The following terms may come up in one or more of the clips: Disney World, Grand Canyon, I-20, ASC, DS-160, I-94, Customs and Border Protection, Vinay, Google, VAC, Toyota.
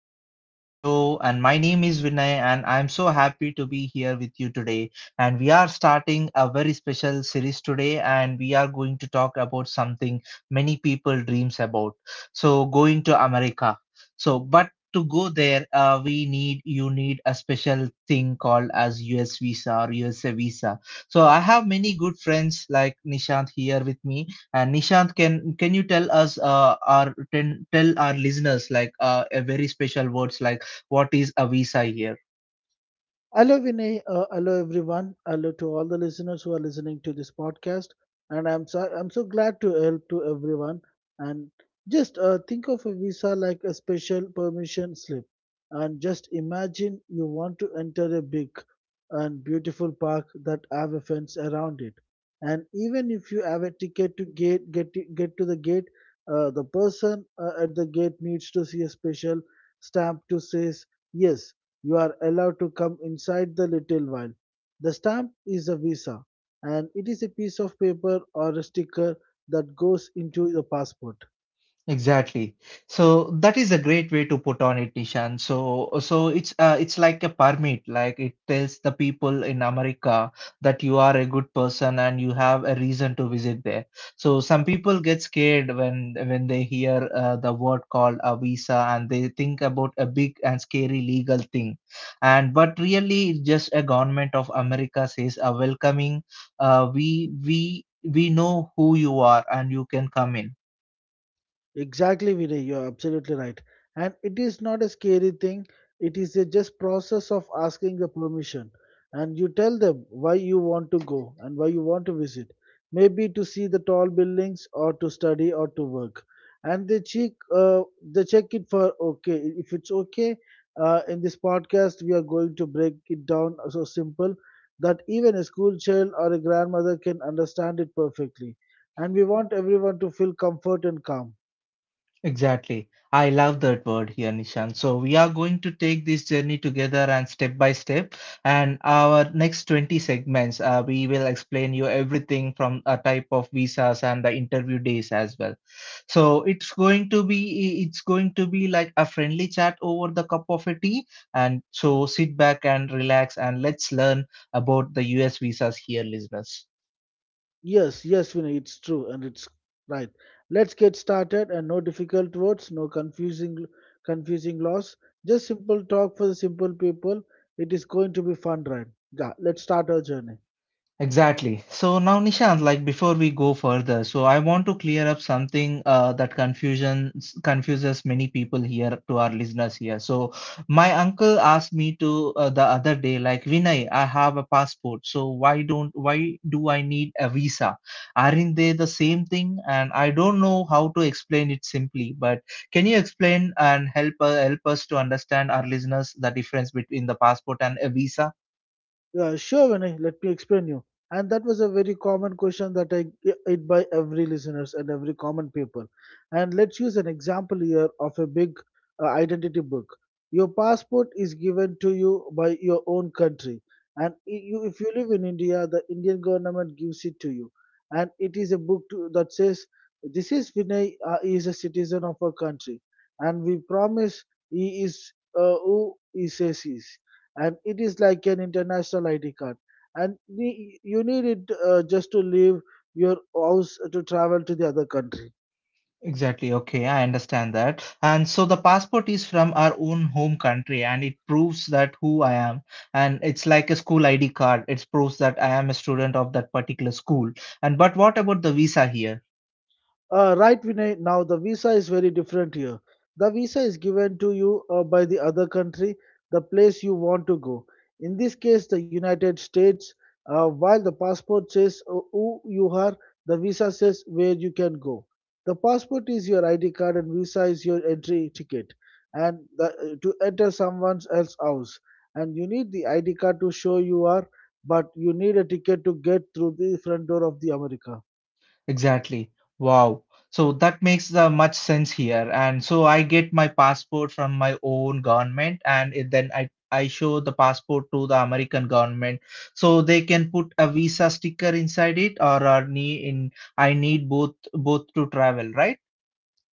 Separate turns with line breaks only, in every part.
welcome to our show and my name is Vinay and I'm so happy to be here with you today, and we are starting a very special series today, and we are going to talk about something many people dreams about. So going to America. So but to go there we need, you need a special thing called as US visa or USA visa. So I have many good friends like Nishant here with me. And Nishant, can you tell us tell our listeners like a very special words like, what is a visa here?
Hello, Vinay. Hello, everyone. Hello to all the listeners who are listening to this podcast. And I'm so glad to help to everyone. And just think of a visa like a special permission slip. And just imagine you want to enter a big and beautiful park that have a fence around it. And even if you have a ticket to get to the gate, the person at the gate needs to see a special stamp to says yes, you are allowed to come inside the little while. The stamp is a visa, and it is a piece of paper or a sticker that goes into the passport.
Exactly. So that is a great way to put on it, Nishan. So it's like a permit. Like it tells the people in America that you are a good person and you have a reason to visit there. So some people get scared when they hear the word called a visa, and they think about a big and scary legal thing. And but really, it's just a government of America says a welcoming. We know who you are and you can come in.
Exactly, Vinay, you're absolutely right. And it is not a scary thing. It is a just process of asking the permission. And you tell them why you want to go and why you want to visit. Maybe to see the tall buildings or to study or to work. And they check it for okay. If it's okay, in this podcast, we are going to break it down so simple that even a school child or a grandmother can understand it perfectly. And we want everyone to feel comfort and calm.
Exactly. I love that word here, Nishan. So we are going to take this journey together and step by step. And our next 20 segments, we will explain you everything from a type of visas and the interview days as well. So it's going to be like a friendly chat over the cup of a tea. And so sit back and relax and let's learn about the US visas here, listeners.
Yes, yes, Vinay, it's true and it's right. Let's get started and no difficult words, no confusing laws, just simple talk for the simple people. It is going to be fun, right? Yeah, let's start our journey.
Exactly. So now, Nishant, like before we go further, so I want to clear up something that confusion confuses many people here, to our listeners here. So my uncle asked me to the other day, like, Vinay, I have a passport, so why don't why do I need a visa? Aren't they the same thing? And I don't know how to explain it simply, but can you explain and help help us to understand, our listeners, the difference between the passport and a visa?
Yeah, sure, Vinay. Let me explain you. And that was a very common question that I it by every listeners and every common people. And let's use an example here of a big identity book. Your passport is given to you by your own country, and you, if you live in India, the Indian government gives it to you, and it is a book to, that says this is Vinay is a citizen of our country, and we promise he is who he says he is, and it is like an international ID card. And we, you need it just to leave your house to travel to the other country.
Exactly. Okay, I understand that. And so the passport is from our own home country, and it proves that who I am. And it's like a school ID card. It proves that I am a student of that particular school. And but what about the visa here?
Right, Vinay. Now the visa is very different here. The visa is given to you by the other country, the place you want to go. In this case, the United States. While the passport says who you are, the visa says where you can go. The passport is your ID card and visa is your entry ticket, and the, to enter someone else's house. And you need the ID card to show you are, but you need a ticket to get through the front door of the America.
Exactly. Wow. So that makes much sense here. And so I get my passport from my own government, and it, then I show the passport to the American government, so they can put a visa sticker inside it, or ne in I need both to travel, right?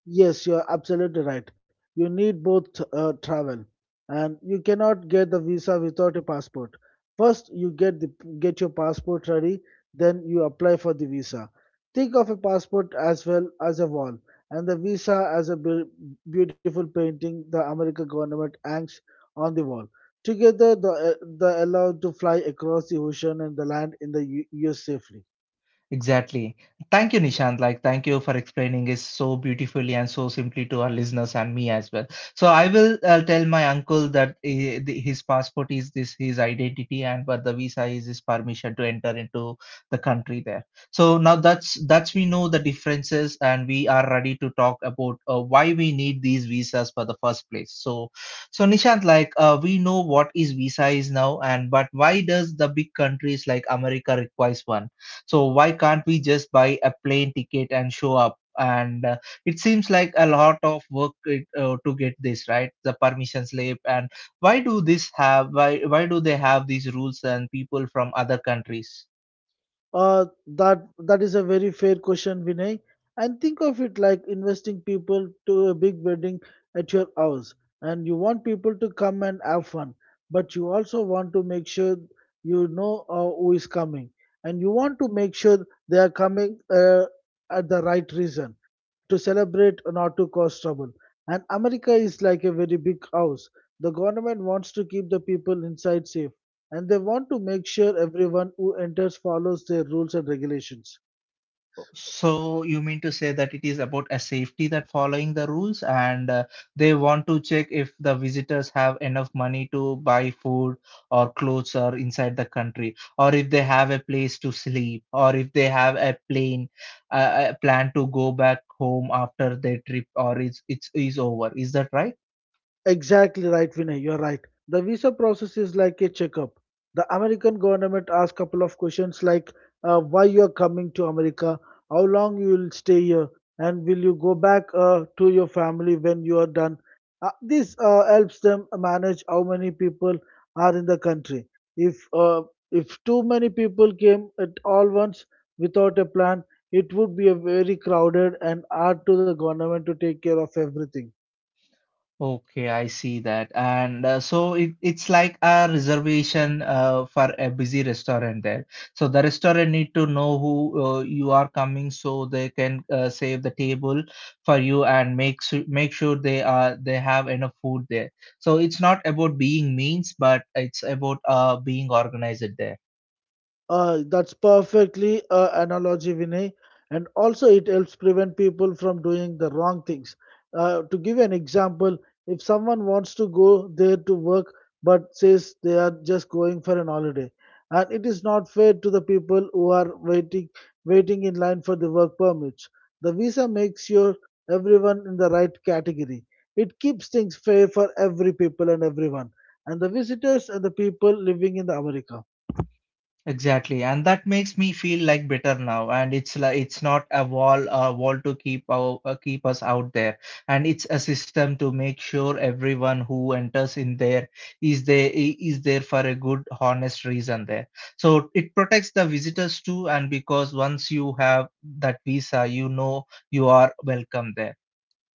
Yes, you're absolutely right. You need both travel, and you cannot get the visa without a passport. First, you get your passport ready, then you apply for the visa. Think of a passport as well as a wall, and the visa as a beautiful painting the American government hangs on the wall. Together, the allowed to fly across the ocean and the land in the U.S. safely.
Exactly. Thank you, Nishant. Like, thank you for explaining it so beautifully and so simply to our listeners and me as well. So I will tell my uncle that his passport is this his identity, and but the visa is his permission to enter into the country there. So now that's we know the differences, and we are ready to talk about why we need these visas for the first place. So, so Nishant, like, we know what is visa is now, and but why does the big countries like America requires one? So why can't we just buy a plane ticket and show up? And it seems like a lot of work it, to get this right, the permission slip. And why do this have? Why do they have these rules and people from other countries?
That is a very fair question, Vinay. And think of it like investing people to a big wedding at your house, and you want people to come and have fun, but you also want to make sure you know who is coming, and you want to make sure they are coming at the right reason to celebrate or not to cause trouble. And America is like a very big house. The government wants to keep the people inside safe, and they want to make sure everyone who enters follows their rules and regulations.
So you mean to say that it is about a safety, that following the rules, and they want to check if the visitors have enough money to buy food or clothes or inside the country, or if they have a place to sleep, or if they have a plane a plan to go back home after their trip or it's is over. Is that right?
Exactly right, Vinay. You're right. The visa process is like a checkup. The American government asks couple of questions like why you are coming to America, how long you will stay here, and will you go back to your family when you are done. This helps them manage how many people are in the country. If uh, if too many people came at all once without a plan, it would be a very crowded and hard to the government to take care of everything.
Okay, I see that. And so it, it's like a reservation for a busy restaurant there. So the restaurant need to know who you are coming, so they can save the table for you and make sure they are they have enough food there. So it's not about being means, but it's about being organized there.
That's perfectly analogy, Vinay. And also, it helps prevent people from doing the wrong things. To give an example, if someone wants to go there to work but says they are just going for an holiday, and it is not fair to the people who are waiting in line for the work permits. The visa makes sure everyone in the right category. It keeps things fair for every people and everyone, and the visitors and the people living in the America.
Exactly, and that makes me feel like better now. And it's like it's not a wall, to keep our, keep us out there, and it's a system to make sure everyone who enters in there is there for a good, honest reason there. So it protects the visitors too, and because once you have that visa, you know you are welcome there.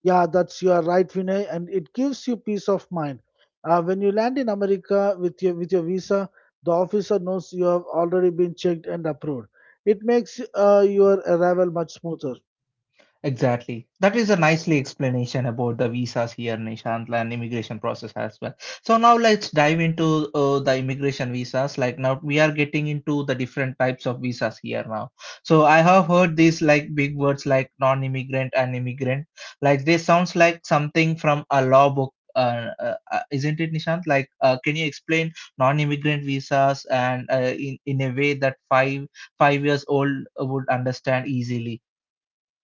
Yeah, that's your right, Vinay, and it gives you peace of mind. When you land in America with your visa, the officer knows you have already been checked and approved. It makes your arrival much smoother.
Exactly. That is a nicely explanation about the visas here, Nishant, and immigration process as well. So now let's dive into the immigration visas. Like now we are getting into the different types of visas here now. So I have heard these like big words like non-immigrant and immigrant. Like this sounds like something from a law book. Isn't it, Nishant? Like, can you explain non-immigrant visas and in a way that five years old would understand easily?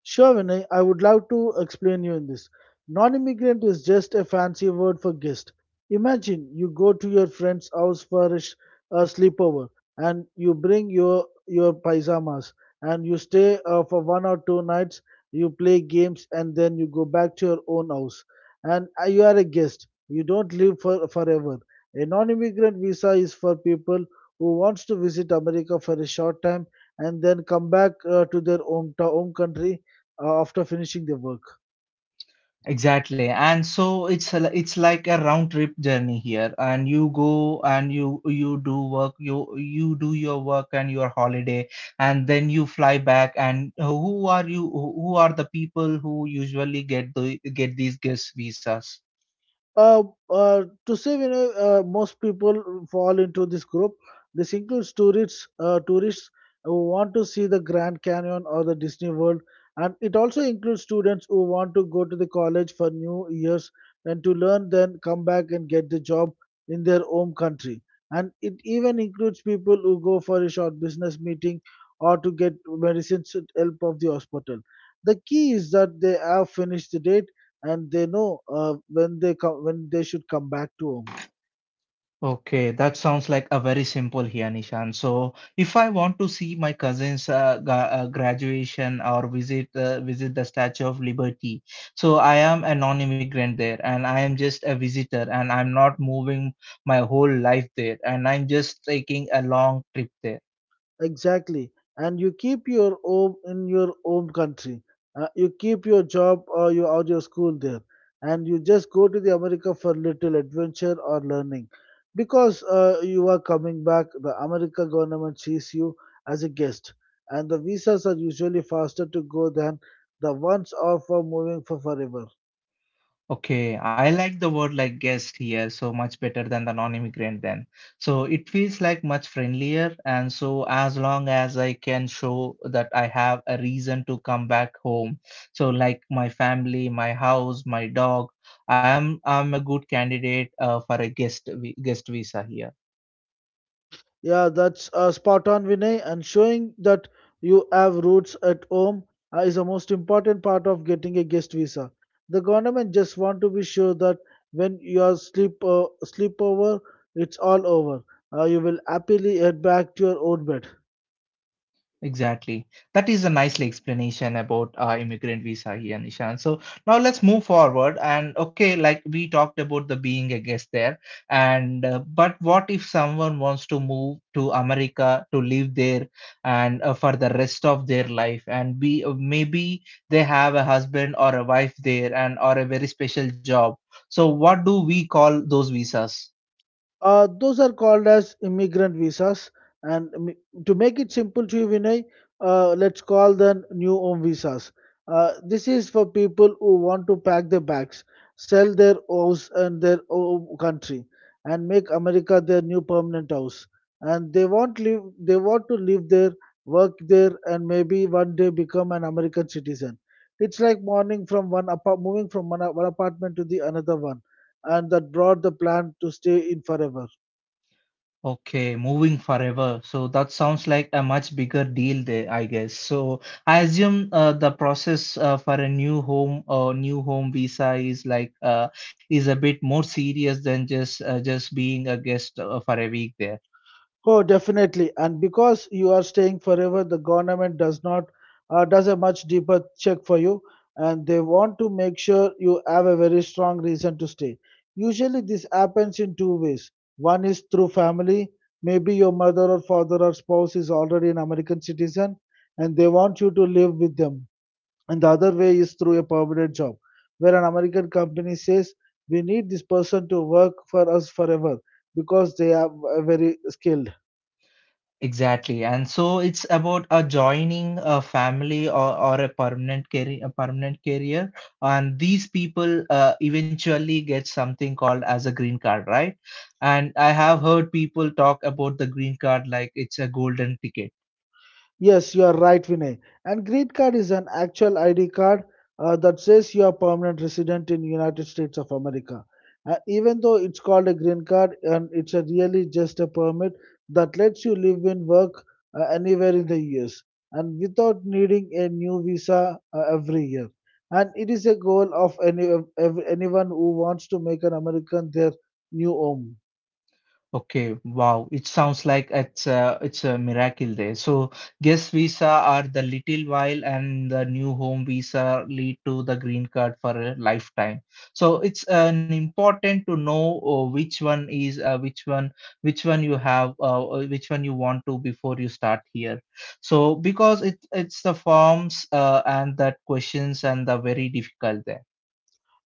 Sure, Vinay, I would love to explain you in this. Non-immigrant is just a fancy word for guest. Imagine you go to your friend's house for a sleepover, and you bring your pyjamas, and you stay for one or two nights. You play games, and then you go back to your own house. And you are a guest. You don't live for forever. A non-immigrant visa is for people who wants to visit America for a short time and then come back to their home country after finishing the work.
Exactly. And so it's a, it's like a round trip journey here, and you go and you do your work and your holiday, and then you fly back. And who are you, who are the people who usually get the get these guest visas?
Uh, to say, you know, most people fall into this group. This includes tourists who want to see the Grand Canyon or the Disney World, and it also includes students who want to go to the college for New Year's and to learn, then come back and get the job in their home country. And it even includes people who go for a short business meeting or to get medicines with help of the hospital. The key is that they have finished the date and they know when they should come back to home.
Okay, that sounds like a very simple here, Nishan. So, if I want to see my cousin's graduation or visit visit the Statue of Liberty, so I am a non-immigrant there, and I am just a visitor, and I'm not moving my whole life there, and I'm just taking a long trip there.
Exactly. And you keep your home in your own country. You keep your job or your school there, and you just go to the America for little adventure or learning. Because you are coming back, the America government sees you as a guest, and the visas are usually faster to go than the ones are for moving for forever.
Okay, I like the word like guest here so much better than the non-immigrant then. So it feels like much friendlier, and so as long as I can show that I have a reason to come back home. So like my family, my house, my dog, I'm a good candidate for a guest visa here.
Yeah, that's spot on, Vinay. And showing that you have roots at home is the most important part of getting a guest visa. The government just want to be sure that when you are sleepover, it's all over. You will happily head back to your own bed.
Exactly. That is a nicely explanation about immigrant visa here, Nishan. So now let's move forward. And okay, like we talked about the being a guest there. And but what if someone wants to move to America to live there and for the rest of their life? And be maybe they have a husband or a wife there, and or a very special job. So what do we call those visas?
Those are called as immigrant visas. And to make it simple to you, Vinay, let's call them new home visas. This is for people who want to pack their bags, sell their house and their home country, and make America their new permanent house. And they want to live there, work there, and maybe one day become an American citizen. It's like morning from one apart, moving from one apartment to the another one, and that brought the plan to stay in forever.
Okay, moving forever. So that sounds like a much bigger deal there, I guess. So I assume the process for a new home visa is like is a bit more serious than just being a guest for a week there.
Oh, definitely. And because you are staying forever, the government does not does a much deeper check for you, and they want to make sure you have a very strong reason to stay. Usually, this happens in two ways. One is through family. Maybe your mother or father or spouse is already an American citizen, and they want you to live with them. And the other way is through a permanent job, where an American company says, "We need this person to work for us forever because they are very skilled."
Exactly. And so it's about joining a family, or a permanent career, a permanent career. And these people eventually get something called as a green card, right? And I have heard people talk about the green card like it's a golden ticket.
Yes, you are right, Vinay. And green card is an actual ID card that says you are permanent resident in United States of America. Even though it's called a green card, and it's a really just a permit that lets you live and work anywhere in the US, and without needing a new visa every year. And it is a goal of anyone who wants to make an American their new home.
Okay, wow. It sounds like it's a miracle there. So guest visa are the little while, and the new home visa lead to the green card for a lifetime. So it's an important to know which one you have which one you want to before you start here. So because it's the forms and that questions and the very difficult there.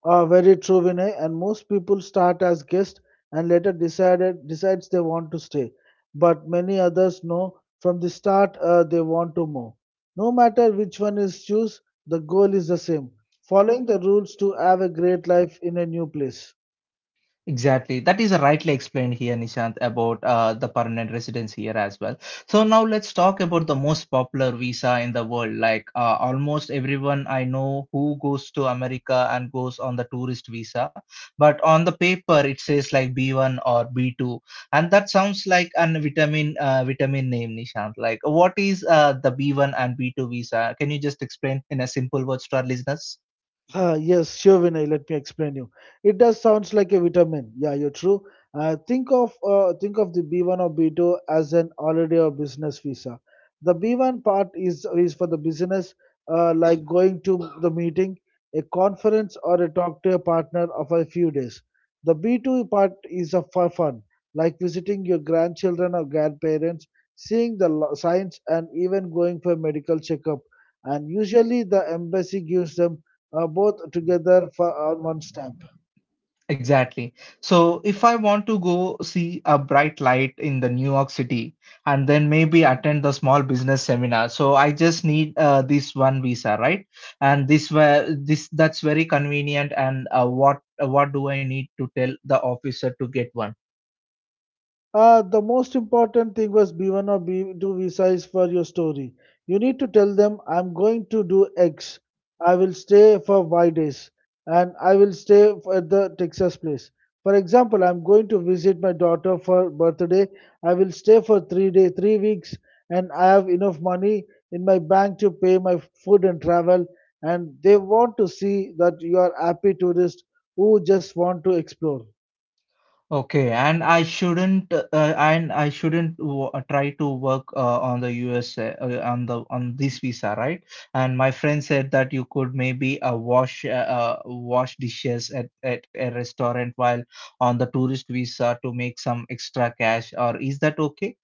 Ah, very true, Vinay. And most people start as guests and later decided decides they want to stay. But many others know from the start they want to move. No matter which one is choose, the goal is the same: following the rules to have a great life in a new place.
Exactly. That is rightly explained here, Nishant, about the permanent residence here as well. So now let's talk about the most popular visa in the world. Like almost everyone I know who goes to America and goes on the tourist visa, but on the paper it says like B1 or B2, and that sounds like an vitamin vitamin name, Nishant. Like what is the B1 and B2 visa? Can you just explain in a simple words to our listeners?
Yes, sure, Vinay. Let me explain you. It does sounds like a vitamin. Yeah, you're true. Think of the B1 or B2 as an holiday or business visa. The B1 part is for the business, like going to the meeting, a conference, or a talk to a partner of a few days. The B2 part is of for fun, like visiting your grandchildren or grandparents, seeing the science, and even going for a medical checkup. And usually, the embassy gives them both together for on one stamp.
Exactly. So if I want to go see a bright light in the New York City, and then maybe attend the small business seminar, so I just need this one visa, right? And this where this that's very convenient. And what do I need to tell the officer to get one?
The most important thing was B1 or B2 visa is for your story. You need to tell them, I'm going to do X. I will stay for Y days and I will stay at the Texas place. For example, I'm going to visit my daughter for birthday. I will stay for 3 day, 3 weeks, and I have enough money in my bank to pay my food and travel. And they want to see that you are happy tourist who just want to explore.
Okay, and I shouldn't w try to work on the on this visa, right? And my friend said that you could maybe wash dishes at a restaurant while on the tourist visa to make some extra cash, or is that okay?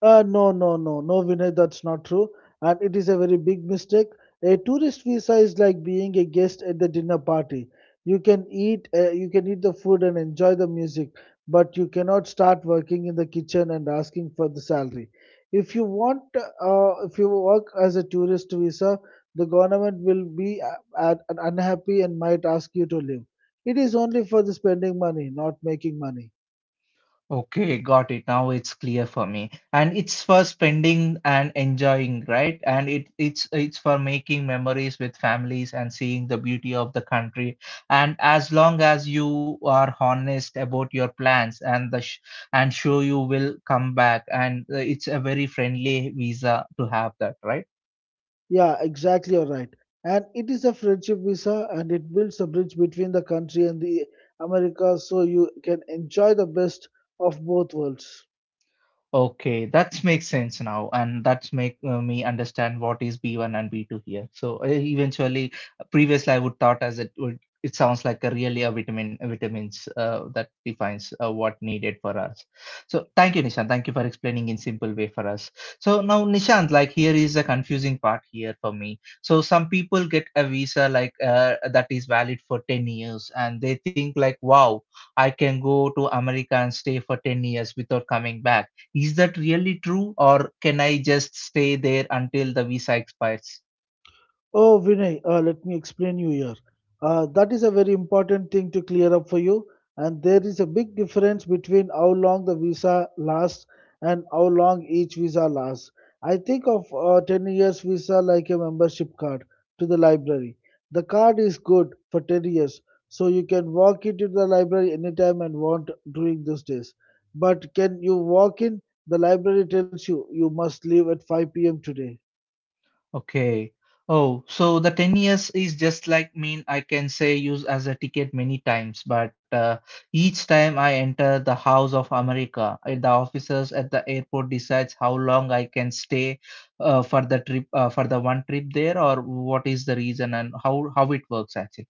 No, no, no, no, Vinay, that's not true. And it is a very big mistake. A tourist visa is like being a guest at the dinner party. You can eat the food and enjoy the music, but you cannot start working in the kitchen and asking for the salary. If you work as a tourist visa, the government will be unhappy and might ask you to leave. It is only for the spending money, not making money.
Okay, got it. Now it's clear for me. And it's for spending and enjoying, right? And it's for making memories with families and seeing the beauty of the country. And as long as you are honest about your plans and the sh and show you will come back, and it's a very friendly visa to have that, right?
Yeah, exactly. You're right. And it is a friendship visa and it builds a bridge between the country and the America so you can enjoy the best of both worlds.
Okay, that makes sense now, and that's make me understand what is B1 and B2 here. So eventually, previously I would thought as it would. It sounds like a really a vitamin vitamins that defines what needed for us. So thank you, Nishant. Thank you for explaining in simple way for us. So now, Nishant, like here is a confusing part here for me. So some people get a visa like that is valid for 10 years, and they think like, wow, I can go to America and stay for 10 years without coming back. Is that really true, or can I just stay there until the visa expires?
Oh, Vinay, let me explain you here. That is a very important thing to clear up for you. And there is a big difference between how long the visa lasts and how long each visa lasts. I think of 10 years visa like a membership card to the library. The card is good for 10 years, so you can walk into the library anytime and want during those days. But can you walk in? The library tells you you must leave at 5 p.m. today.
Okay. Oh, so the 10 years is just like mean I can say use as a ticket many times, but each time I enter the house of America, the officers at the airport decides how long I can stay for the trip, for the one trip there, or what is the reason and how it works actually.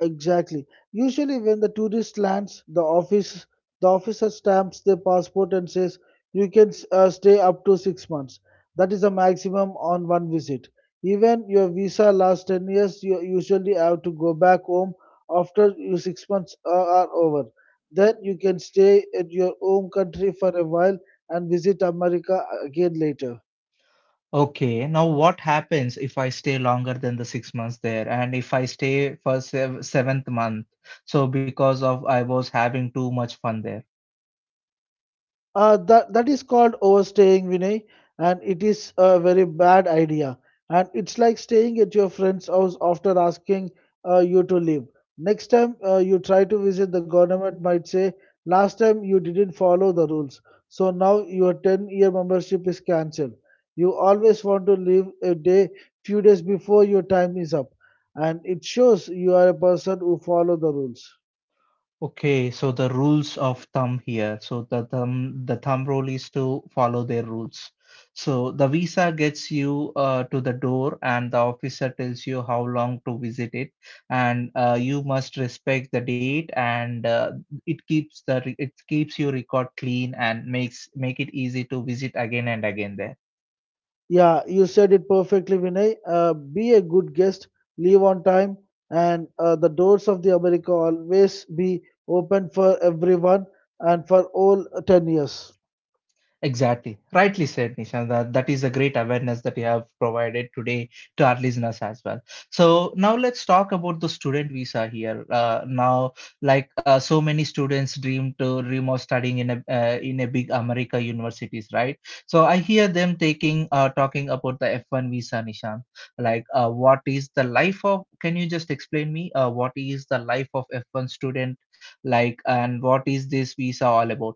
Exactly. Usually, when the tourist lands, the officer stamps their passport and says you can stay up to 6 months. That is the maximum on one visit. Even your visa lasts 10 years. You usually have to go back home after your 6 months are over. Then you can stay at your home country for a while and visit America again later.
Okay, now what happens if I stay longer than the 6 months there, and if I stay for seventh month? So because of I was having too much fun there.
That is called overstaying, Vinay, and it is a very bad idea. And it's like staying at your friend's house after asking you to leave. Next time you try to visit, the government might say, "Last time you didn't follow the rules, so now your 10-year membership is cancelled." You always want to leave a day, few days before your time is up, and it shows you are a person who follow the rules.
Okay, so the rules of thumb here. So the thumb rule is to follow their rules. So the visa gets you to the door, and the officer tells you how long to visit it, and you must respect the date, and it keeps your record clean and makes make it easy to visit again and again there.
Yeah, you said it perfectly, Vinay. Be a good guest, leave on time, and the doors of the America always be open for everyone and for all 10 years.
Exactly. Rightly said, Nishan. That is a great awareness that you have provided today to our listeners as well. So now let's talk about the student visa here. Now, like so many students dream of studying in a big America universities, right? So I hear them taking talking about the F1 visa, Nishan. Like, what is the life of? Can you just explain me what is the life of F1 student like, and what is this visa all about?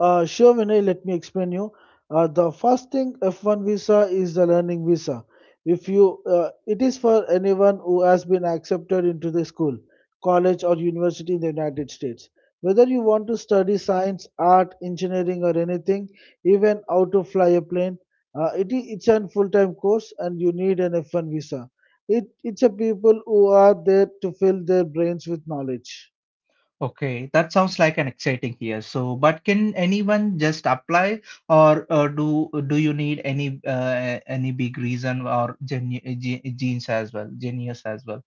Sure, Vinay, let me explain you. The first thing F1 visa is the learning visa. If you, it is for anyone who has been accepted into the school, college, or university in the United States. Whether you want to study science, art, engineering, or anything, even how to fly a plane, it's a full-time course, and you need an F1 visa. It's a people who are there to fill their brains with knowledge.
Okay, that sounds like an exciting year. So, but can anyone just apply, or do you need any big reason or genu ge- genes as well, genius as well?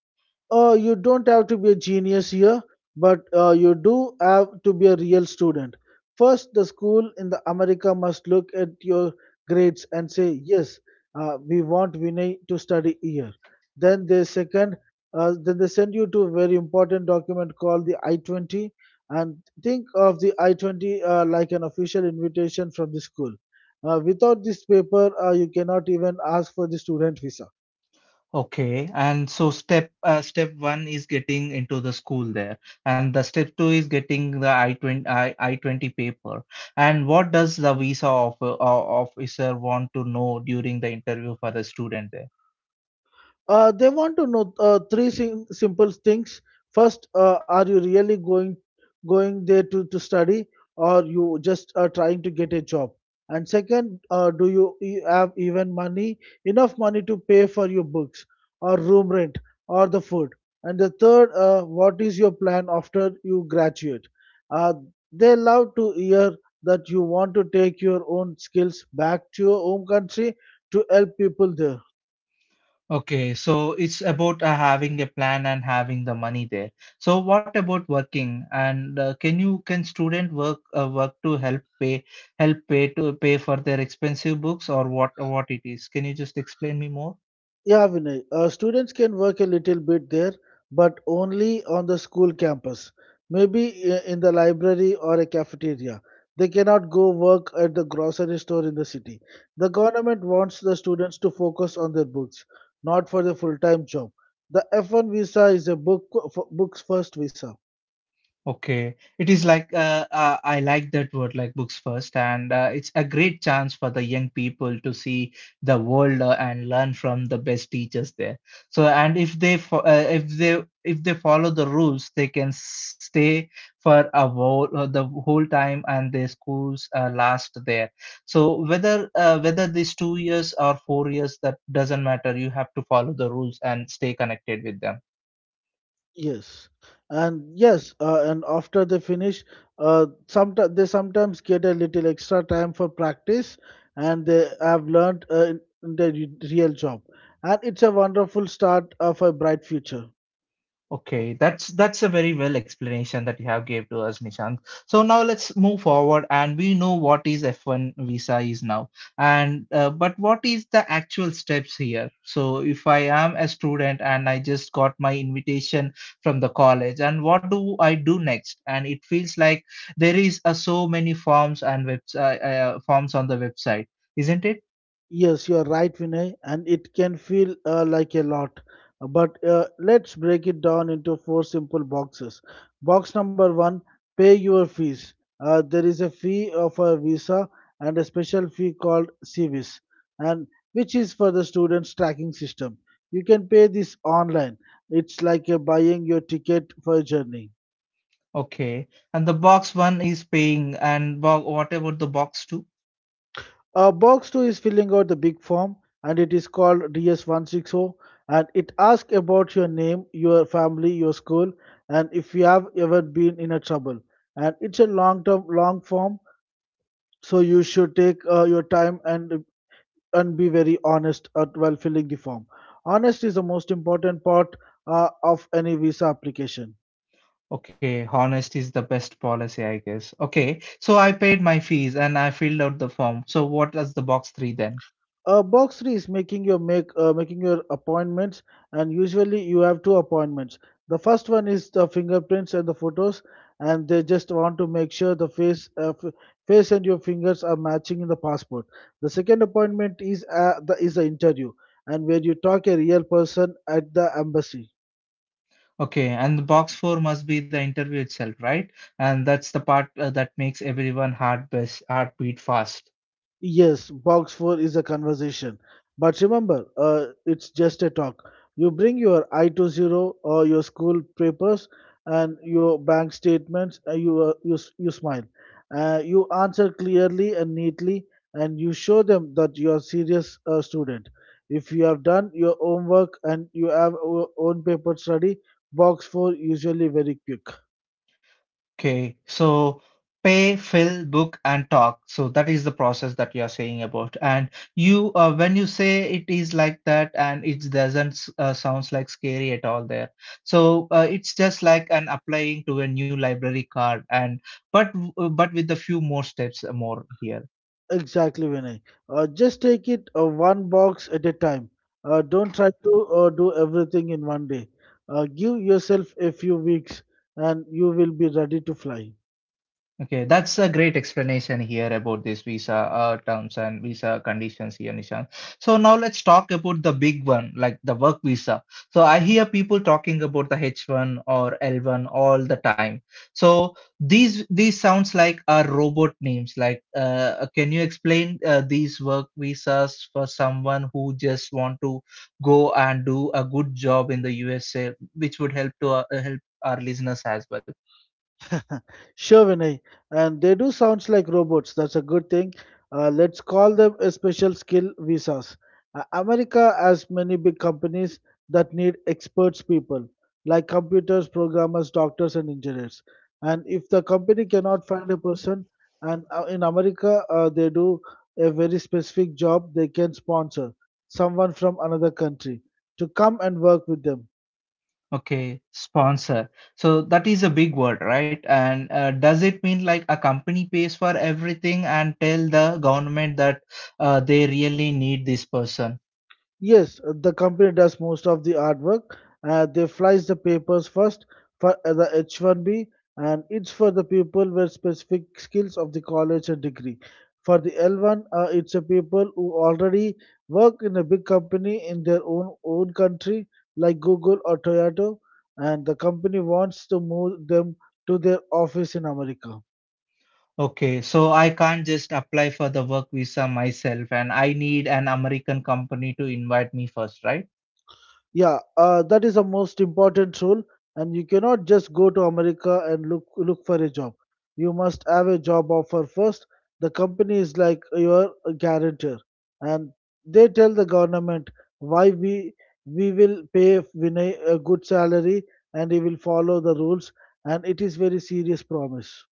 You don't have to be a genius here, but you do have to be a real student. First, the school in the America must look at your grades and say, yes, we want Vinay to study here. Then they second, then they send you to a very important document called the I-20, and think of the I-20 like an official invitation from the school. Without this paper, you cannot even ask for the student visa.
Okay, and so step one is getting into the school there, and the step two is getting the I twenty paper. And what does the visa officer want to know during the interview for the student there?
They want to know three simple things. First, are you really going there to study, or you just are trying to get a job? And second, do you have even money enough money to pay for your books, or room rent, or the food? And the third, what is your plan after you graduate? Uh, they love to hear that you want to take your own skills back to your home country to help people there.
Okay, so it's about having a plan and having the money there. So what about working? And can student work to help pay for their expensive books, or what it is? Can you just explain me more?
Yeah, Vinay. Students can work a little bit there, but only on the school campus. Maybe in the library or a cafeteria. They cannot go work at the grocery store in the city. The government wants the students to focus on their books, not for the full-time job. The F1 visa is a books first visa.
Okay, it is like I like that word, like books first, and it's a great chance for the young people to see the world and learn from the best teachers there. So, and if they follow the rules, they can stay for a whole the whole time, and their schools last there. So, whether these 2 years or 4 years, that doesn't matter. You have to follow the rules and stay connected with them.
Yes, and yes, and after they finish, sometimes they sometimes get a little extra time for practice, and they have learned in the real job, and it's a wonderful start of a bright future.
Okay, that's a very well explanation that you have gave to us, Nishant. So now let's move forward, and we know what is F1 visa is now, and but what is the actual steps here? So if I am a student and I just got my invitation from the college, and what do I do next? And it feels like there is so many forms and webs forms on the website, isn't it?
Yes, you are right, Vinay, and it can feel like a lot. But let's break it down into four simple boxes. Box number one: pay your fees. There is a fee for a visa and a special fee called CVIS, and which is for the students' tracking system. You can pay this online. It's like buying your ticket for a journey.
Okay, and the box one is paying, and what about the box two?
Box 2 is filling out the big form and it is called DS160 and it asks about your name, your family, your school and if you have ever been in a trouble. And it's a long term long form so you should take your time and be very honest while filling the form. Honest is the most important part of any visa application.
Okay, honesty is the best policy, I guess. Okay, so I paid my fees and I filled out the form. So what does the box three then?
Box three is making your appointments, and usually you have two appointments. The first one is the fingerprints and the photos, and they just want to make sure the face and your fingers are matching in the passport. The second appointment is the interview, and where you talk a real person at the embassy.
Okay, and the box four must be the interview itself, right? And that's the part that makes everyone heartbeat fast.
Yes, box four is a conversation. But remember, it's just a talk. You bring your I-20 or your school papers and your bank statements, and you smile. You answer clearly and neatly, and you show them that you are serious student. If you have done your homework and you have your own paper study, box four usually very quick.
Okay, so pay, fill, book, and talk. So that is the process that you are saying about. And when you say it is like that, and it doesn't sounds like scary at all there. So it's just like an applying to a new library card, and but with a few more steps more here.
Exactly, Vinay. Just take it one box at a time. Don't try to do everything in one day. Give yourself a few weeks and you will be ready to fly.
Okay, that's a great explanation here about this visa terms and visa conditions here, Nishan. So now let's talk about the big one, like the work visa. So I hear people talking about the H1 or L1 all the time. So these sounds like are robot names. Like, can you explain these work visas for someone who just want to go and do a good job in the USA, which would help to help our listeners as well?
Sure, Vinay. And they do sounds like robots. That's a good thing. Let's call them a special skill visas. America has many big companies that need experts people like computers, programmers, doctors, and engineers. And if the company cannot find a person, and in America they do a very specific job, they can sponsor someone from another country to come and work with them.
Okay, sponsor. So that is a big word, right? And does it mean like a company pays for everything and tell the government that they really need this person?
Yes, the company does most of the artwork. They flies the papers first for the H1B, and it's for the people with specific skills of the college and degree. For the L1, it's a people who already work in a big company in their own country, like Google or Toyota, and the company wants to move them to their office in America.
Okay, so I can't just apply for the work visa myself, and I need an American company to invite me first, right?
Yeah, that is the most important rule, and you cannot just go to America and look for a job. You must have a job offer first. The company is like your guarantor, and they tell the government why we will pay Vinay a good salary and he will follow the rules, and it is very serious promise.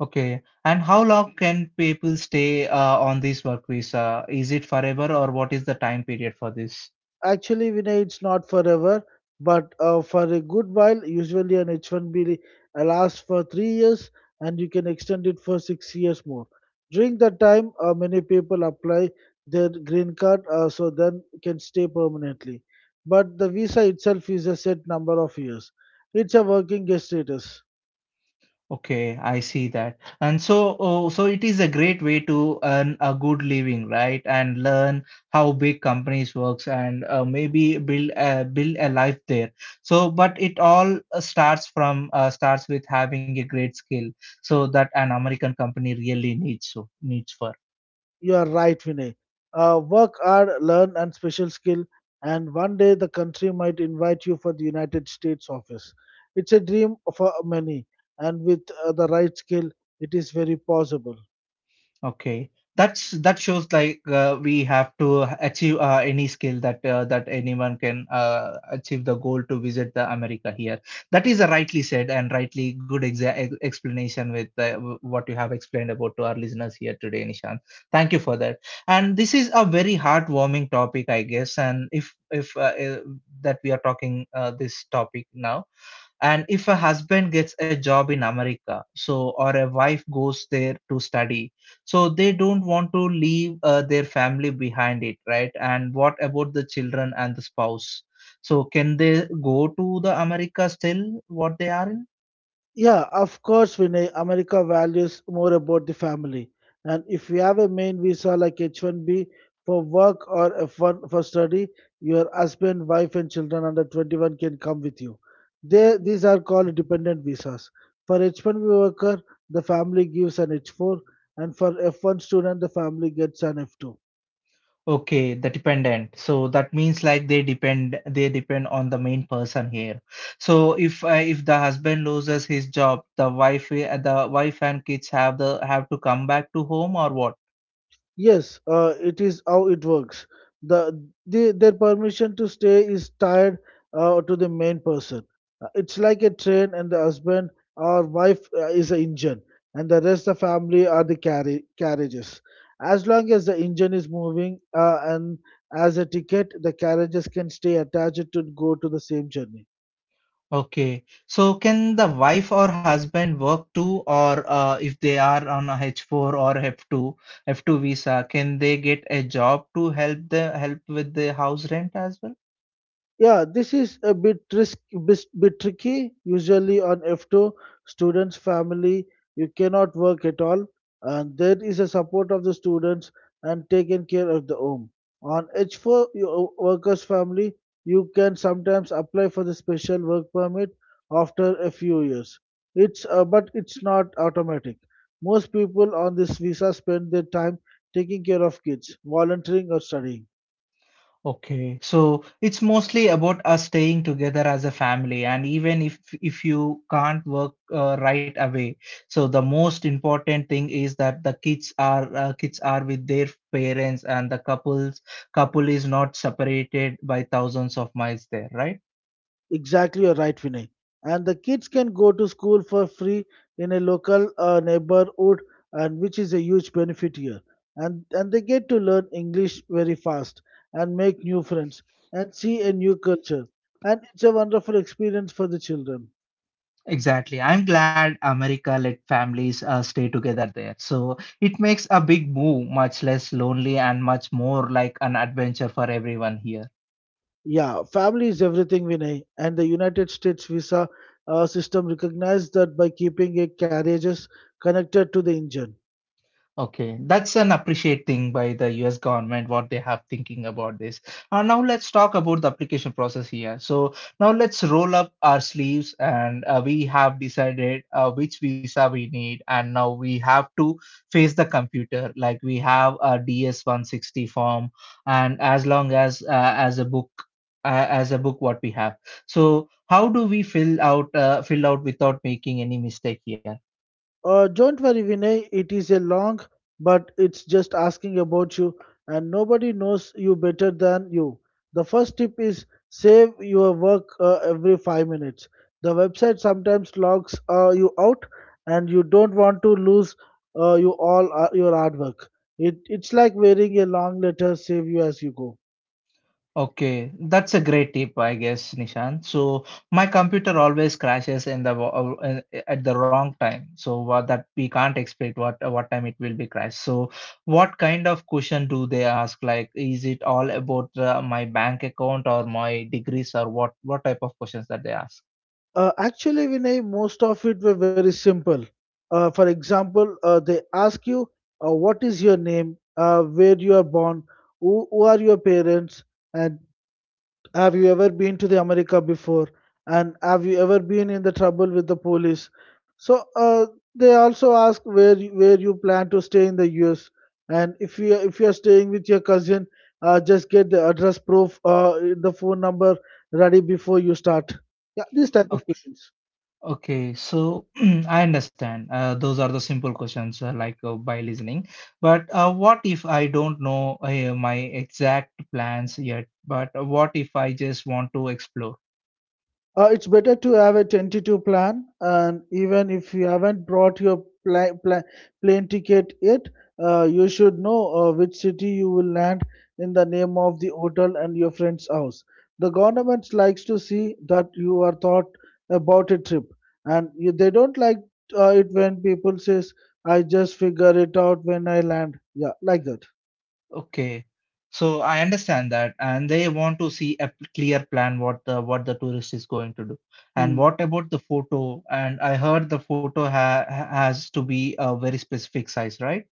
Okay, and how long can people stay on this work visa? Is it forever or what is the time period for this?
Actually, Vinay, it's not forever, but for a good while, usually an H1B lasts for 3 years and you can extend it for 6 years more. During that time, many people apply their green card so then can stay permanently. But the visa itself is a set number of years. It's a working guest status.
Okay, I see that. And so, oh, so it is a great way to earn a good living, right? And learn how big companies works, and maybe build a life there. So, but it all starts with having a great skill, so that an American company really needs so needs for.
You are right, Vinay. Work hard, learn and special skill, and one day the country might invite you for the United States office. It's a dream for many, and with the right skill, it is very possible.
Okay. That's that shows like we have to achieve any skill that that anyone can achieve the goal to visit the America here. That is a rightly said and rightly good explanation with what you have explained about to our listeners here today, Nishan. Thank you for that. And this is a very heartwarming topic, I guess. And if that we are talking this topic now, and if a husband gets a job in America, so or a wife goes there to study, so they don't want to leave their family behind it, right? And what about the children and the spouse? So can they go to the America still what they are in?
Yeah, of course, Vinay. America values more about the family. And if you have a main visa like H-1B for work or F-1 for study, your husband, wife, and children under 21 can come with you. These are called dependent visas. For H-1B worker, the family gives an H-4, and for F-1 student, the family gets an F-2.
Okay, the dependent. So that means like they depend on the main person here. So if the husband loses his job, the wife and kids have to come back to home, or what?
Yes, it is how it works. The their permission to stay is tied to the main person. It's like a train, and the husband or wife is the engine, and the rest of the family are the carriages. As long as the engine is moving and as a ticket, the carriages can stay attached to go to the same journey.
Okay. So can the wife or husband work too, or if they are on a H4 or F2 visa, can they get a job to help with the house rent as well?
Yeah, this is a bit tricky. Usually on F2, students family you cannot work at all, and there is a support of the students and taken care of the home. On H4, your workers family you can sometimes apply for the special work permit after a few years. It's but it's not automatic. Most people on this visa spend their time taking care of kids, volunteering or studying.
Okay. So it's mostly about us staying together as a family, and even if you can't work right away, so the most important thing is that the kids are with their parents, and the couple is not separated by thousands of miles there, right?
Exactly, you're right, Vinay. And the kids can go to school for free in a local neighborhood, and which is a huge benefit here. And they get to learn English very fast and make new friends and see a new culture. And it's a wonderful experience for the children.
Exactly. I'm glad America let families stay together there. So it makes a big move much less lonely and much more like an adventure for everyone here.
Yeah, family is everything, Vinay. And the United States visa system recognizes that by keeping a carriages connected to the engine.
Okay, that's an appreciate thing by the US government, what they have thinking about this. Now let's talk about the application process here. So now let's roll up our sleeves, and we have decided which visa we need. And now we have to face the computer. Like we have a DS-160 form and as a book what we have. So how do we fill out without making any mistake here?
Don't worry, Vinay. It is a long, but it's just asking about you, and nobody knows you better than you. The first tip is save your work every 5 minutes. The website sometimes logs you out, and you don't want to lose your artwork. It's like wearing a long letter, save you as you go.
Okay, that's a great tip, I guess, Nishan. So my computer always crashes at the wrong time, so what that we can't expect what time it will be crashed. So what kind of question do they ask? Like, is it all about my bank account or my degrees, or what type of questions that they ask?
Actually, Vinay, most of it were very simple. For example, they ask you, what is your name, where you are born, who are your parents, and have you ever been to the America before, and have you ever been in the trouble with the police? So they also ask where you plan to stay in the US, and if you are staying with your cousin, just get the address proof, the phone number ready before you start. Yeah, these type of questions.
Okay, so I understand. Those are the simple questions, like by listening. But what if I don't know my exact plans yet? But what if I just want to explore?
It's better to have a tentative plan, and even if you haven't brought your plane ticket yet, you should know which city you will land in the name of the hotel and your friend's house. The government likes to see that you are thought about a trip, and they don't like it when people says, "I just figure it out when I land." Yeah, like that.
Okay, so I understand that, and they want to see a clear plan what the tourist is going to do. And
Hmm.
what about the photo? And I heard the photo has to be a very specific size, right?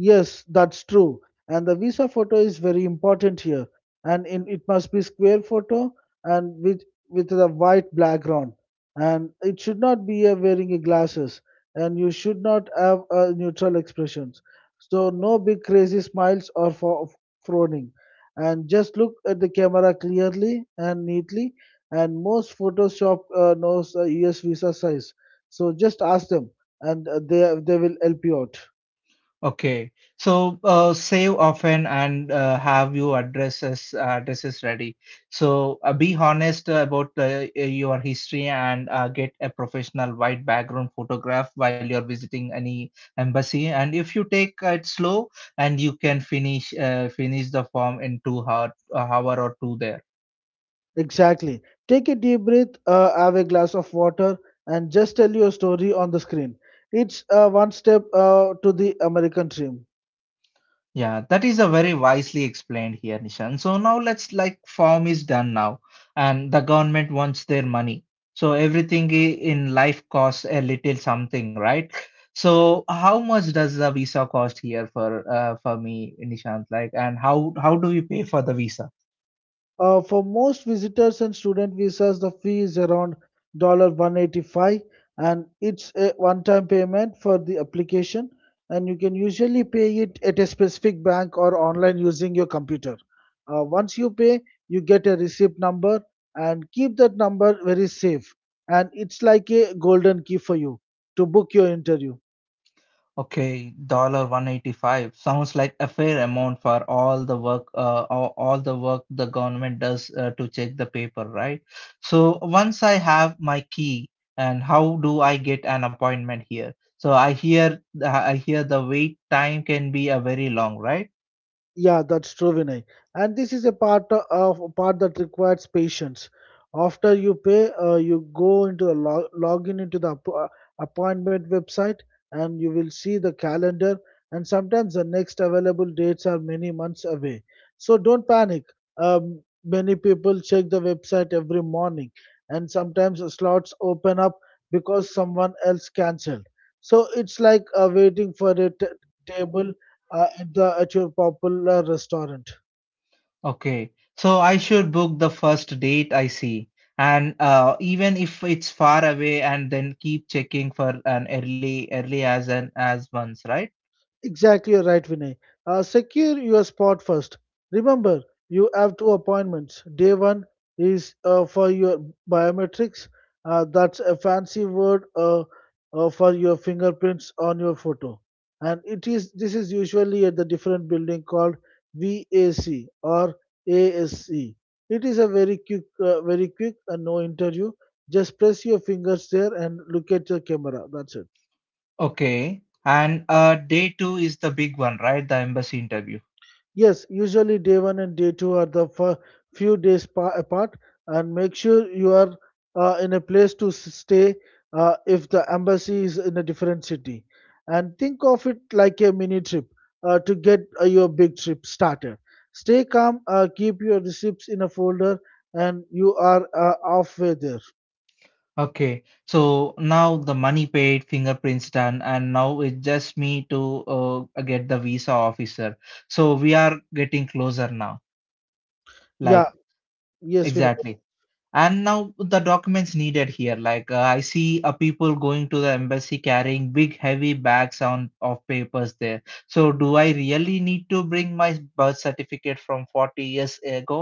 Yes, that's true. And the visa photo is very important here. And in, it must be square photo and with the white background. And it should not be a wearing a glasses. And you should not have a neutral expressions. So no big crazy smiles or for frowning. And just look at the camera clearly and neatly. And most Photoshop knows US visa size. So just ask them, and uh, they will help you out.
Okay, so save often and have your addresses ready. So be honest about your history and get a professional white background photograph while you're visiting any embassy. And if you take it slow, and you can finish the form in 2 hours, a hour or two there.
Exactly. Take a deep breath, have a glass of water, and just tell your story on the screen. It's one step to the American dream.
Yeah, that is a very wisely explained here, Nishan. So now let's like form is done now, and the government wants their money. So in life costs a little something, right? So how much does the visa cost here for me, Nishant? Like, and how do we pay for the visa?
For most visitors and student visas, the fee is around 185, and it's a one-time payment for the application, and you can usually pay it at a specific bank or online using your computer. Once you pay, you get a receipt number and keep that number very safe, and it's like a golden key for you to book your interview.
Okay, dollar 185 sounds like a fair amount for all the work, all the work the government does to check the paper, right? So once I have my key, and how do I get an appointment here? So I hear the wait time can be a very long, right?
Yeah, that's true, Vinay. And this is a part of part that requires patience. After you pay, you go into log in into the appointment website, and you will see the calendar. And sometimes the next available dates are many months away. So don't panic. Many people check the website every morning, and sometimes slots open up because someone else cancelled. So it's like waiting for a table at your popular restaurant.
Okay, so I should book the first date I see, and even if it's far away, and then keep checking for an early as an as once, right?
Exactly, you're right, Vinay. Secure your spot first. Remember, you have two appointments. Day one is for your biometrics. That's a fancy word for your fingerprints on your photo, and it is this is usually at the different building called VAC or ASC. It is a very quick, and no interview. Just press your fingers there and look at the camera. That's it.
Okay. And day two is the big one, right? The embassy interview.
Yes, usually day one and day two are the few days apart, and make sure you are in a place to stay if the embassy is in a different city. And think of it like a mini trip to get your big trip started. Stay calm, keep your receipts in a folder, and you are halfway there.
Okay. So now the money paid, fingerprints done, and now it's just me to get the visa officer. So we are getting closer now. Like,
Yeah, yes, Vinay.
exactly. And now the documents needed here like I see people going to the embassy carrying big heavy bags on of papers there, so do I really need to bring my birth certificate from 40 years ago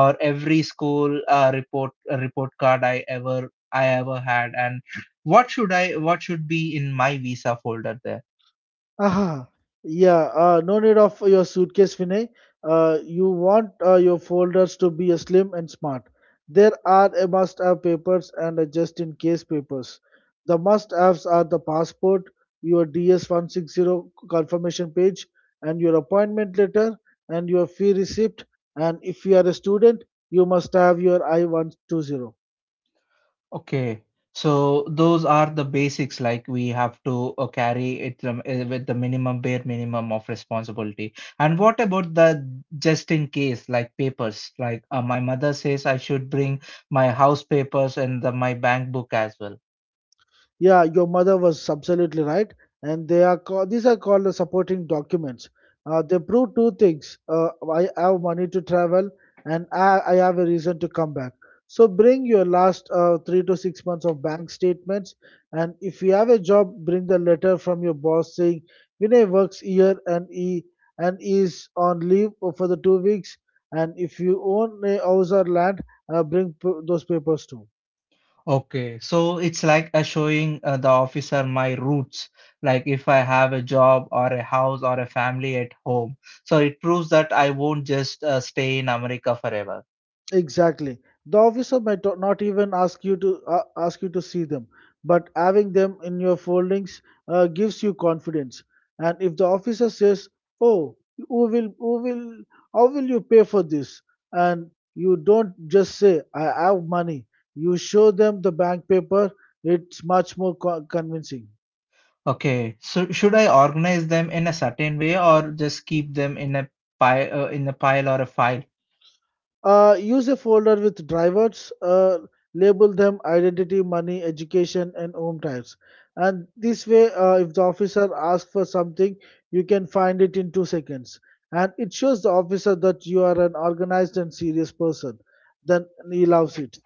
or every school report card I ever had? And what should I, what should be in my visa folder there?
Aha, yeah, no need of your suitcase, Vinay. You want your folders to be slim and smart. There are a must-have papers and a just-in-case papers. The must-haves are the passport, your DS-160 confirmation page, and your appointment letter, and your fee receipt. And if you are a student, you must have your I-120.
Okay, so those are the basics, like we have to carry it with the bare minimum of responsibility. And what about the just in case, like papers? Like my mother says I should bring my house papers and my bank book as well.
Yeah, your mother was absolutely right, and these are called the supporting documents. They prove two things: I have money to travel, and I have a reason to come back. So bring your last 3 to 6 months of bank statements, and if you have a job, bring the letter from your boss saying Vinay works here and is on leave for the 2 weeks. And if you own a house or land, bring those papers too.
Okay, so it's like showing the officer my roots, like if I have a job or a house or a family at home. So it proves that I won't just stay in America forever.
Exactly. The officer might not even ask you to see them, but having them in your foldings gives you confidence. And if the officer says, "Oh, who will how will you pay for this?" and you don't just say, "I have money." You show them the bank paper. It's much more convincing.
Okay, so should I organize them in a certain way or just keep them in in a pile or a file?
Use a folder with drivers, label them identity, money, education, and home types. And this way, if the officer asks for something, you can find it in 2 seconds. And it shows the officer that you are an organized and serious person. Then he loves it.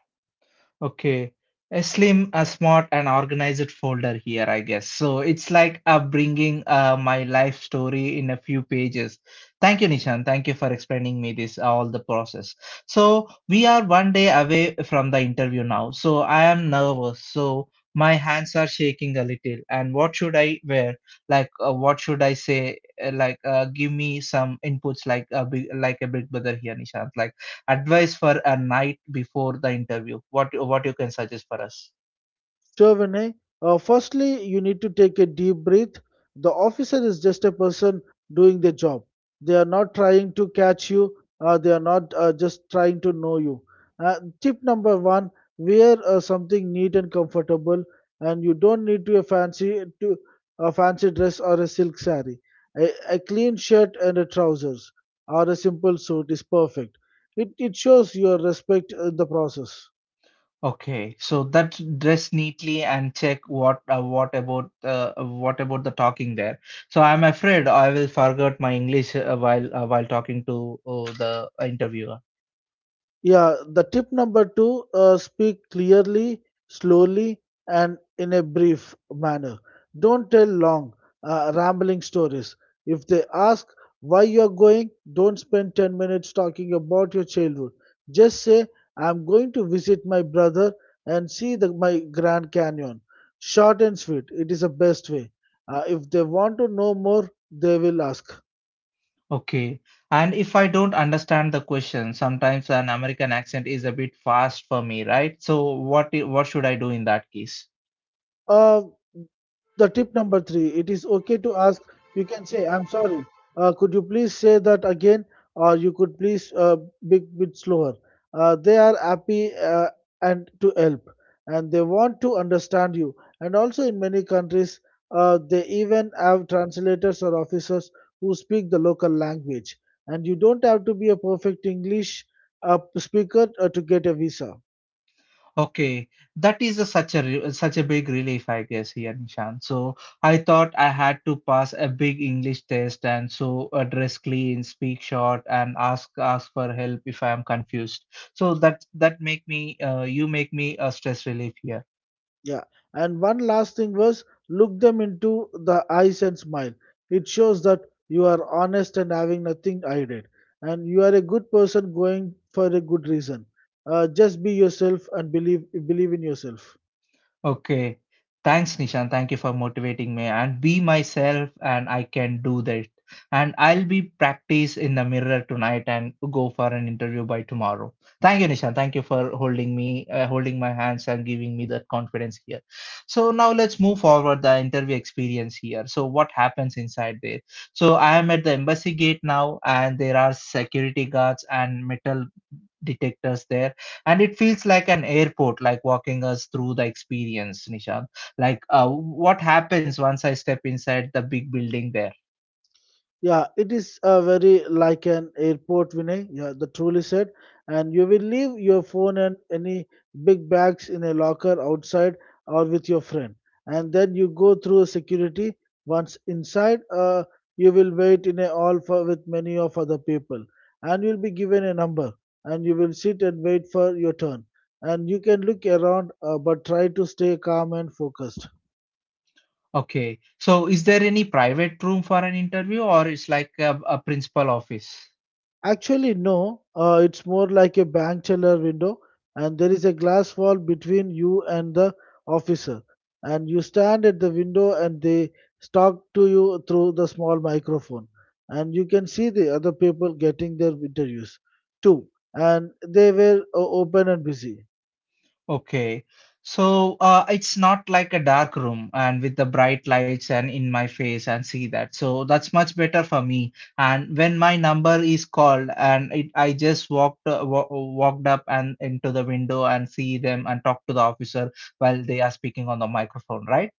Okay. A slim, a smart, and organized folder here, I guess. So it's like bringing my life story in a few pages. Thank you, Nishan. Thank you for explaining me this, all the process. So we are one day away from the interview now. So I am nervous. So my hands are shaking a little. And what should I wear? What should I say? Give me some inputs, like a big brother here, Nishant. Like advice for a night before the interview, what you can suggest for us.
Sure. Firstly, you need to take a deep breath. The officer is just a person doing their job. They are not trying to catch you, they are not just trying to know you. Uh, Tip number one, wear something neat and comfortable, and you don't need to a fancy dress or a silk saree. A clean shirt and a trousers or a simple suit is perfect. It shows your respect in the process.
Okay, so that, dress neatly and check what. What about what about the talking there? So I'm afraid I will forget my english while talking to the interviewer.
Yeah, the tip number two, speak clearly, slowly, and in a brief manner. Don't tell long, rambling stories. If they ask why you are going, don't spend 10 minutes talking about your childhood. Just say, I'm going to visit my brother and see my Grand Canyon. Short and sweet, it is the best way. If they want to know more, they will ask.
Okay. And if I don't understand the question, sometimes an American accent is a bit fast for me, right? So what should I do in that case?
Uh, the tip number three, it is okay to ask. You can say, I'm sorry, could you please say that again, or you could please be bit slower. They are happy and to help, and they want to understand you. And also in many countries, they even have translators or officers who speak the local language, and you don't have to be a perfect English speaker to get a visa.
Okay, that is a, such a big relief, I guess, here, Nishan. So I thought I had to pass a big English test, and so dress clean, speak short, and ask for help if I am confused. So that, that make me you make me a stress relief here.
Yeah, and one last thing was look them into the eyes and smile. It shows that you are honest and having nothing hidden, and you are a good person going for a good reason. Just be yourself and believe in yourself.
Okay. Thanks, Nishan. Thank you for motivating me and be myself and I can do that. And I'll be practice in the mirror tonight and go for an interview by tomorrow. Thank you, Nishan. Thank you for holding me, holding my hands and giving me that confidence here. So now let's move forward the interview experience here. So what happens inside there? So I am at the embassy gate now and there are security guards and metal detect us there, and it feels like an airport. Like, walking us through the experience, Nishant, like what happens once I step inside the big building there?
Yeah, it is very like an airport, Vinay. Yeah, the truly said. And you will leave your phone and any big bags in a locker outside or with your friend. And then you go through security. Once inside, you will wait in a hall with many of other people. And you'll be given a number. And you will sit and wait for your turn. And you can look around, but try to stay calm and focused.
Okay, so is there any private room for an interview, or it's like a principal office?
Actually, no. It's more like a bank teller window, and there is a glass wall between you and the officer. And you stand at the window, and they talk to you through the small microphone. And you can see the other people getting their interviews too. And they were open and busy.
Okay. So it's not like a dark room and with the bright lights and in my face and see that. So that's much better for me. And when my number is called and it, I just walked up and into the window and see them and talk to the officer while they are speaking on the microphone, right?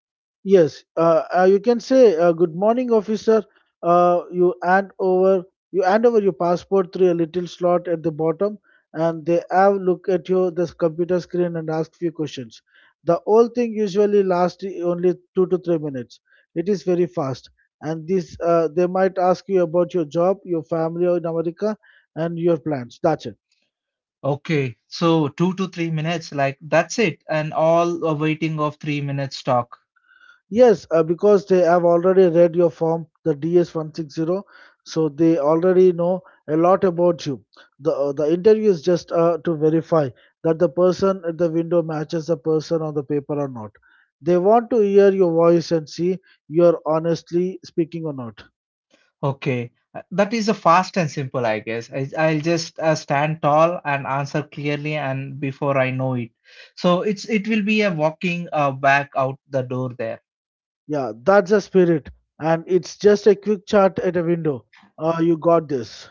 Yes, you can say good morning, officer. Uh, you hand over you hand over your passport through a little slot at the bottom, and they have look at your the computer screen and ask few questions. The whole thing usually lasts only 2 to 3 minutes. It is very fast, and this they might ask you about your job, your family in America, and your plans. That's it.
Okay. So 2 to 3 minutes, like that's it. And all a waiting of 3 minutes talk.
Yes, because they have already read your form, the DS160, so they already know a lot about you. The interview is just to verify that the person at the window matches the person on the paper or not. They want to hear your voice and see you're honestly speaking or not.
Okay, that is a fast and simple, I guess. I'll just stand tall and answer clearly, and before I know it, so it will be a walking back out the door there.
Yeah, that's the spirit. And it's just a quick chat at a window. You got this.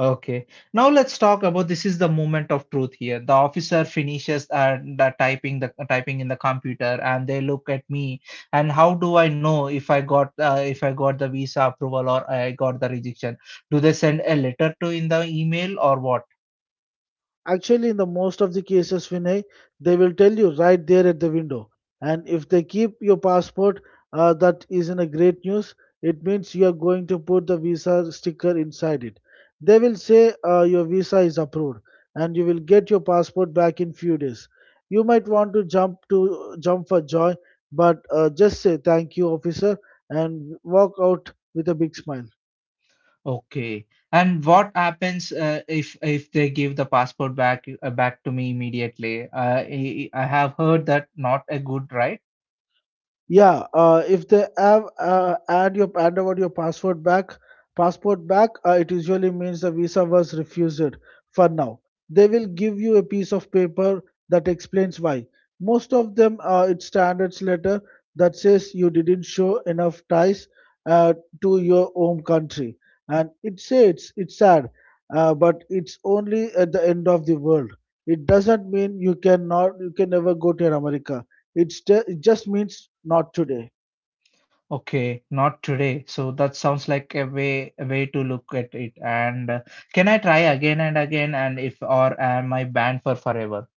Okay, now let's talk about this is the moment of truth here. The officer finishes and typing in the computer, and they look at me, and how do I know if I got if I got the visa approval or I got the rejection? Do they send a letter to in the email or what?
Actually, in the most of the cases, Vinay, they will tell you right there at the window. And if they keep your passport, that is in a great news. It means you are going to put the visa sticker inside it. They will say your visa is approved, and you will get your passport back in few days. You might want to jump for joy, but just say thank you, officer, and walk out with a big smile.
Okay. And what happens if they give the passport back back to me immediately? I have heard that not a good right.
Yeah, if they have add your hand over passport back, it usually means the visa was refused for now. They will give you a piece of paper that explains why. Most of them, it's standards letter that says you didn't show enough ties uh, to your home country, and it says it's sad, but it's only at the end of the world. It doesn't mean you can never go to America, it's it just means not today.
Okay, not today. So that sounds like a way to look at it. And can I try again and again? And if or am I banned for forever?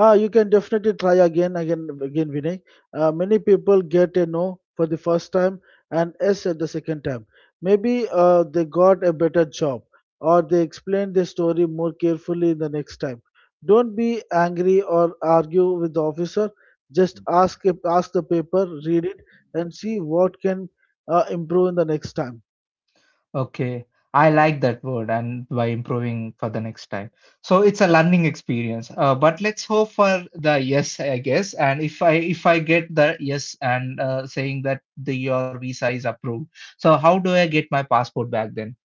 Ah, you can definitely try again, again, again, Vinay. Many people get a no for the first time and yes at the second time. Maybe they got a better job or they explained the story more carefully the next time. Don't be angry or argue with the officer. Just ask the paper, read it, and see what can improve in the next time.
Okay, I like that word and by improving for the next time. So it's a learning experience. But let's hope for the yes, I guess. And if I get the yes and saying that the your visa is approved, so how do I get my passport back then?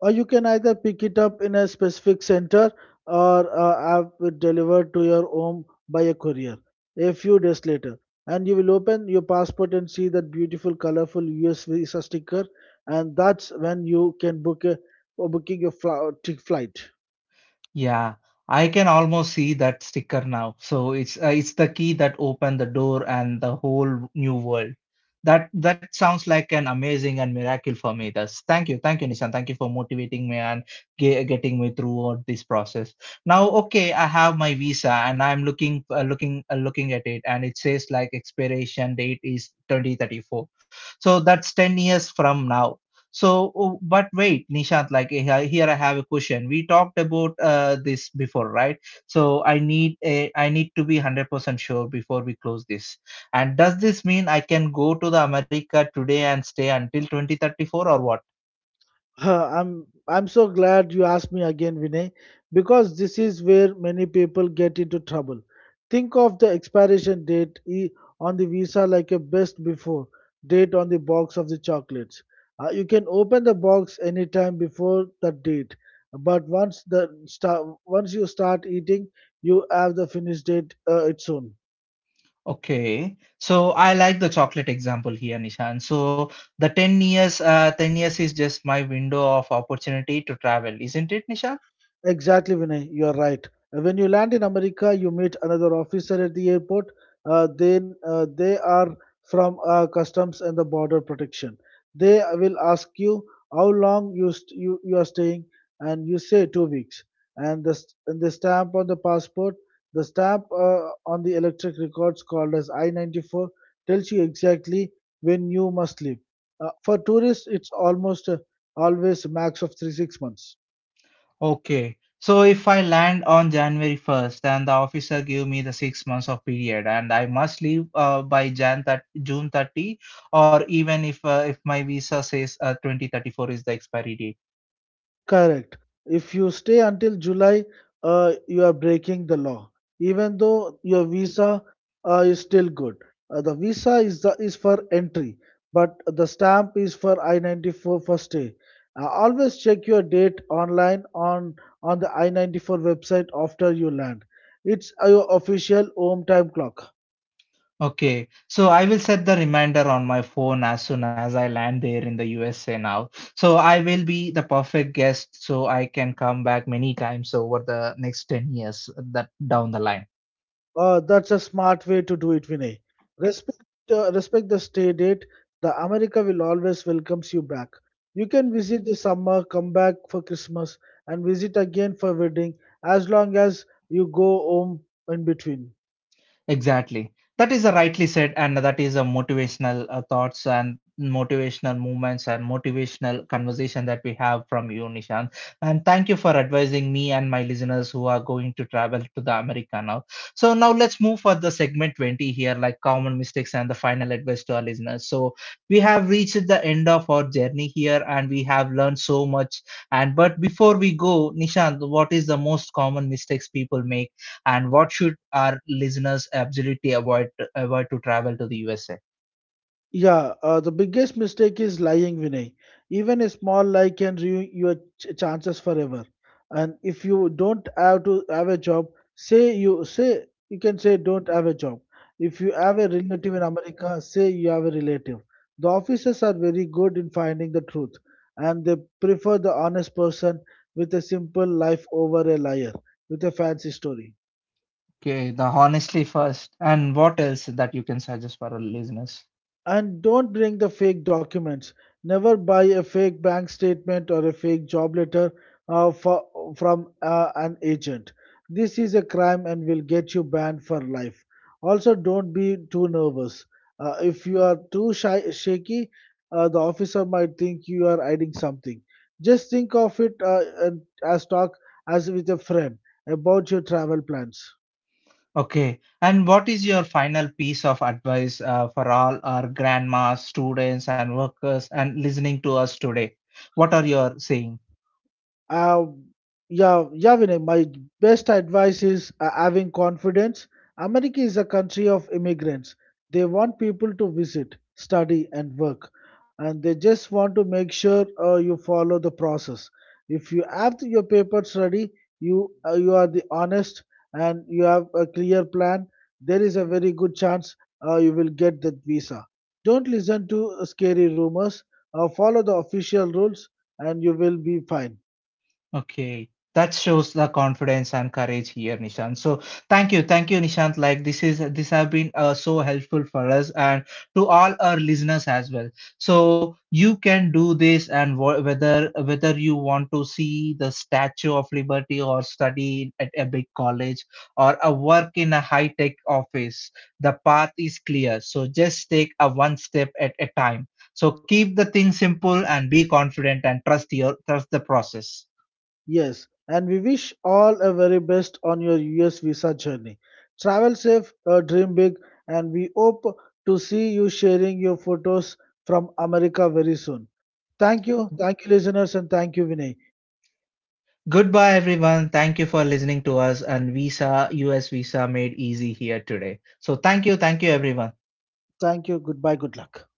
Or you can either pick it up in a specific center or have it delivered to your home by a courier a few days later. And you will open your passport and see that beautiful, colorful US visa sticker, and that's when you can book a or booking your flight.
Yeah, I can almost see that sticker now. So it's the key that opened the door and the whole new world. That, that sounds like an amazing and miracle for me. Thus, thank you, Nishan. Thank you for motivating me and getting me throughout this process. Now, okay, I have my visa and I'm looking at it, and it says like expiration date is 2034. So that's 10 years from now. So, oh, but wait, Nishant, like eh, here I have a question. We talked about this before, right? So I need to be 100% sure before we close this. And does this mean I can go to the America today and stay until 2034 or what?
Huh, I'm so glad you asked me again, Vinay, because this is where many people get into trouble. Think of the expiration date on the visa like a best before date on the box of the chocolates. You can open the box anytime before that date, but once you start eating, you have the finish date its own.
Okay, so I like the chocolate example here, Nishan. So the 10 years is just my window of opportunity to travel, isn't it, Nishan?
Exactly, Vinay. You're right. When you land in America, you meet another officer at the airport. They are from Customs and the Border Protection. They will ask you how long you are staying, and you say 2 weeks. And the stamp on the passport, the stamp on the electric records called as I 94 tells you exactly when you must leave. For tourists, it's almost always max of 3 6 months.
Okay. So if I land on January 1st and the officer give me the 6 months of period and I must leave by Jan that June 30, or even if my visa says 2034 is the expiry date.
Correct. If you stay until July, you are breaking the law, even though your visa is still good. The visa is for entry, but the stamp is for I-94 for stay. Always check your date online on the I-94 website after you land. It's your official home time clock.
Okay. So I will set the reminder on my phone as soon as I land there in the USA now. So I will be the perfect guest so I can come back many times over the next 10 years that down the line.
That's a smart way to do it, Vinay. Respect, respect the stay date. The America will always welcomes you back. You can visit the summer, come back for Christmas, and visit again for wedding as long as you go home in between.
Exactly. That is a rightly said, and that is a motivational thoughts and motivational movements and motivational conversation that we have from you, Nishan. And thank you for advising me and my listeners who are going to travel to the America now. So now let's move for the segment 20 here, like common mistakes and the final advice to our listeners. So we have reached the end of our journey here, and we have learned so much. And but before we go, Nishan, what is the most common mistakes people make, and what should our listeners absolutely avoid to travel to the USA?
Yeah, the biggest mistake is lying, Vinay. Even a small lie can ruin your chances forever. And if you don't have to have a job, say you can say don't have a job. If you have a relative in America, say you have a relative. The officers are very good in finding the truth, and they prefer the honest person with a simple life over a liar with a fancy story.
Okay, the honestly first, and what else that you can suggest for our listeners?
And don't bring the fake documents. Never buy a fake bank statement or a fake job letter uh, for, from an agent. This is a crime and will get you banned for life. Also, don't be too nervous. If you are too shy, shaky, the officer might think you are hiding something. Just think of it as talk as with a friend about your travel plans.
Okay, and what is your final piece of advice for all our grandmas, students, and workers, and listening to us today? What are your saying?
Um, yeah, Vinay, my best advice is having confidence. America is a country of immigrants. They want people to visit, study, and work, and they just want to make sure you follow the process. If you have your papers ready, you are the honest, and you have a clear plan. There is a very good chance you will get that visa. Don't listen to scary rumors. Follow the official rules, and you will be fine.
Okay. That shows the confidence and courage here, Nishant. So thank you. Thank you, Nishant. Like this have been so helpful for us and to all our listeners as well. So you can do this and whether you want to see the Statue of Liberty or study at a big college or a work in a high tech office, the path is clear. So just take a one step at a time. So keep the thing simple and be confident and trust the process.
Yes, and we wish all a very best on your US visa journey. Travel safe, dream big, and we hope to see you sharing your photos from America very soon. Thank you, listeners, and thank you, Vinay.
Goodbye, everyone. Thank you for listening to us and Visa, US Visa made easy here today. So, thank you. Thank you, everyone.
Thank you, goodbye, good luck.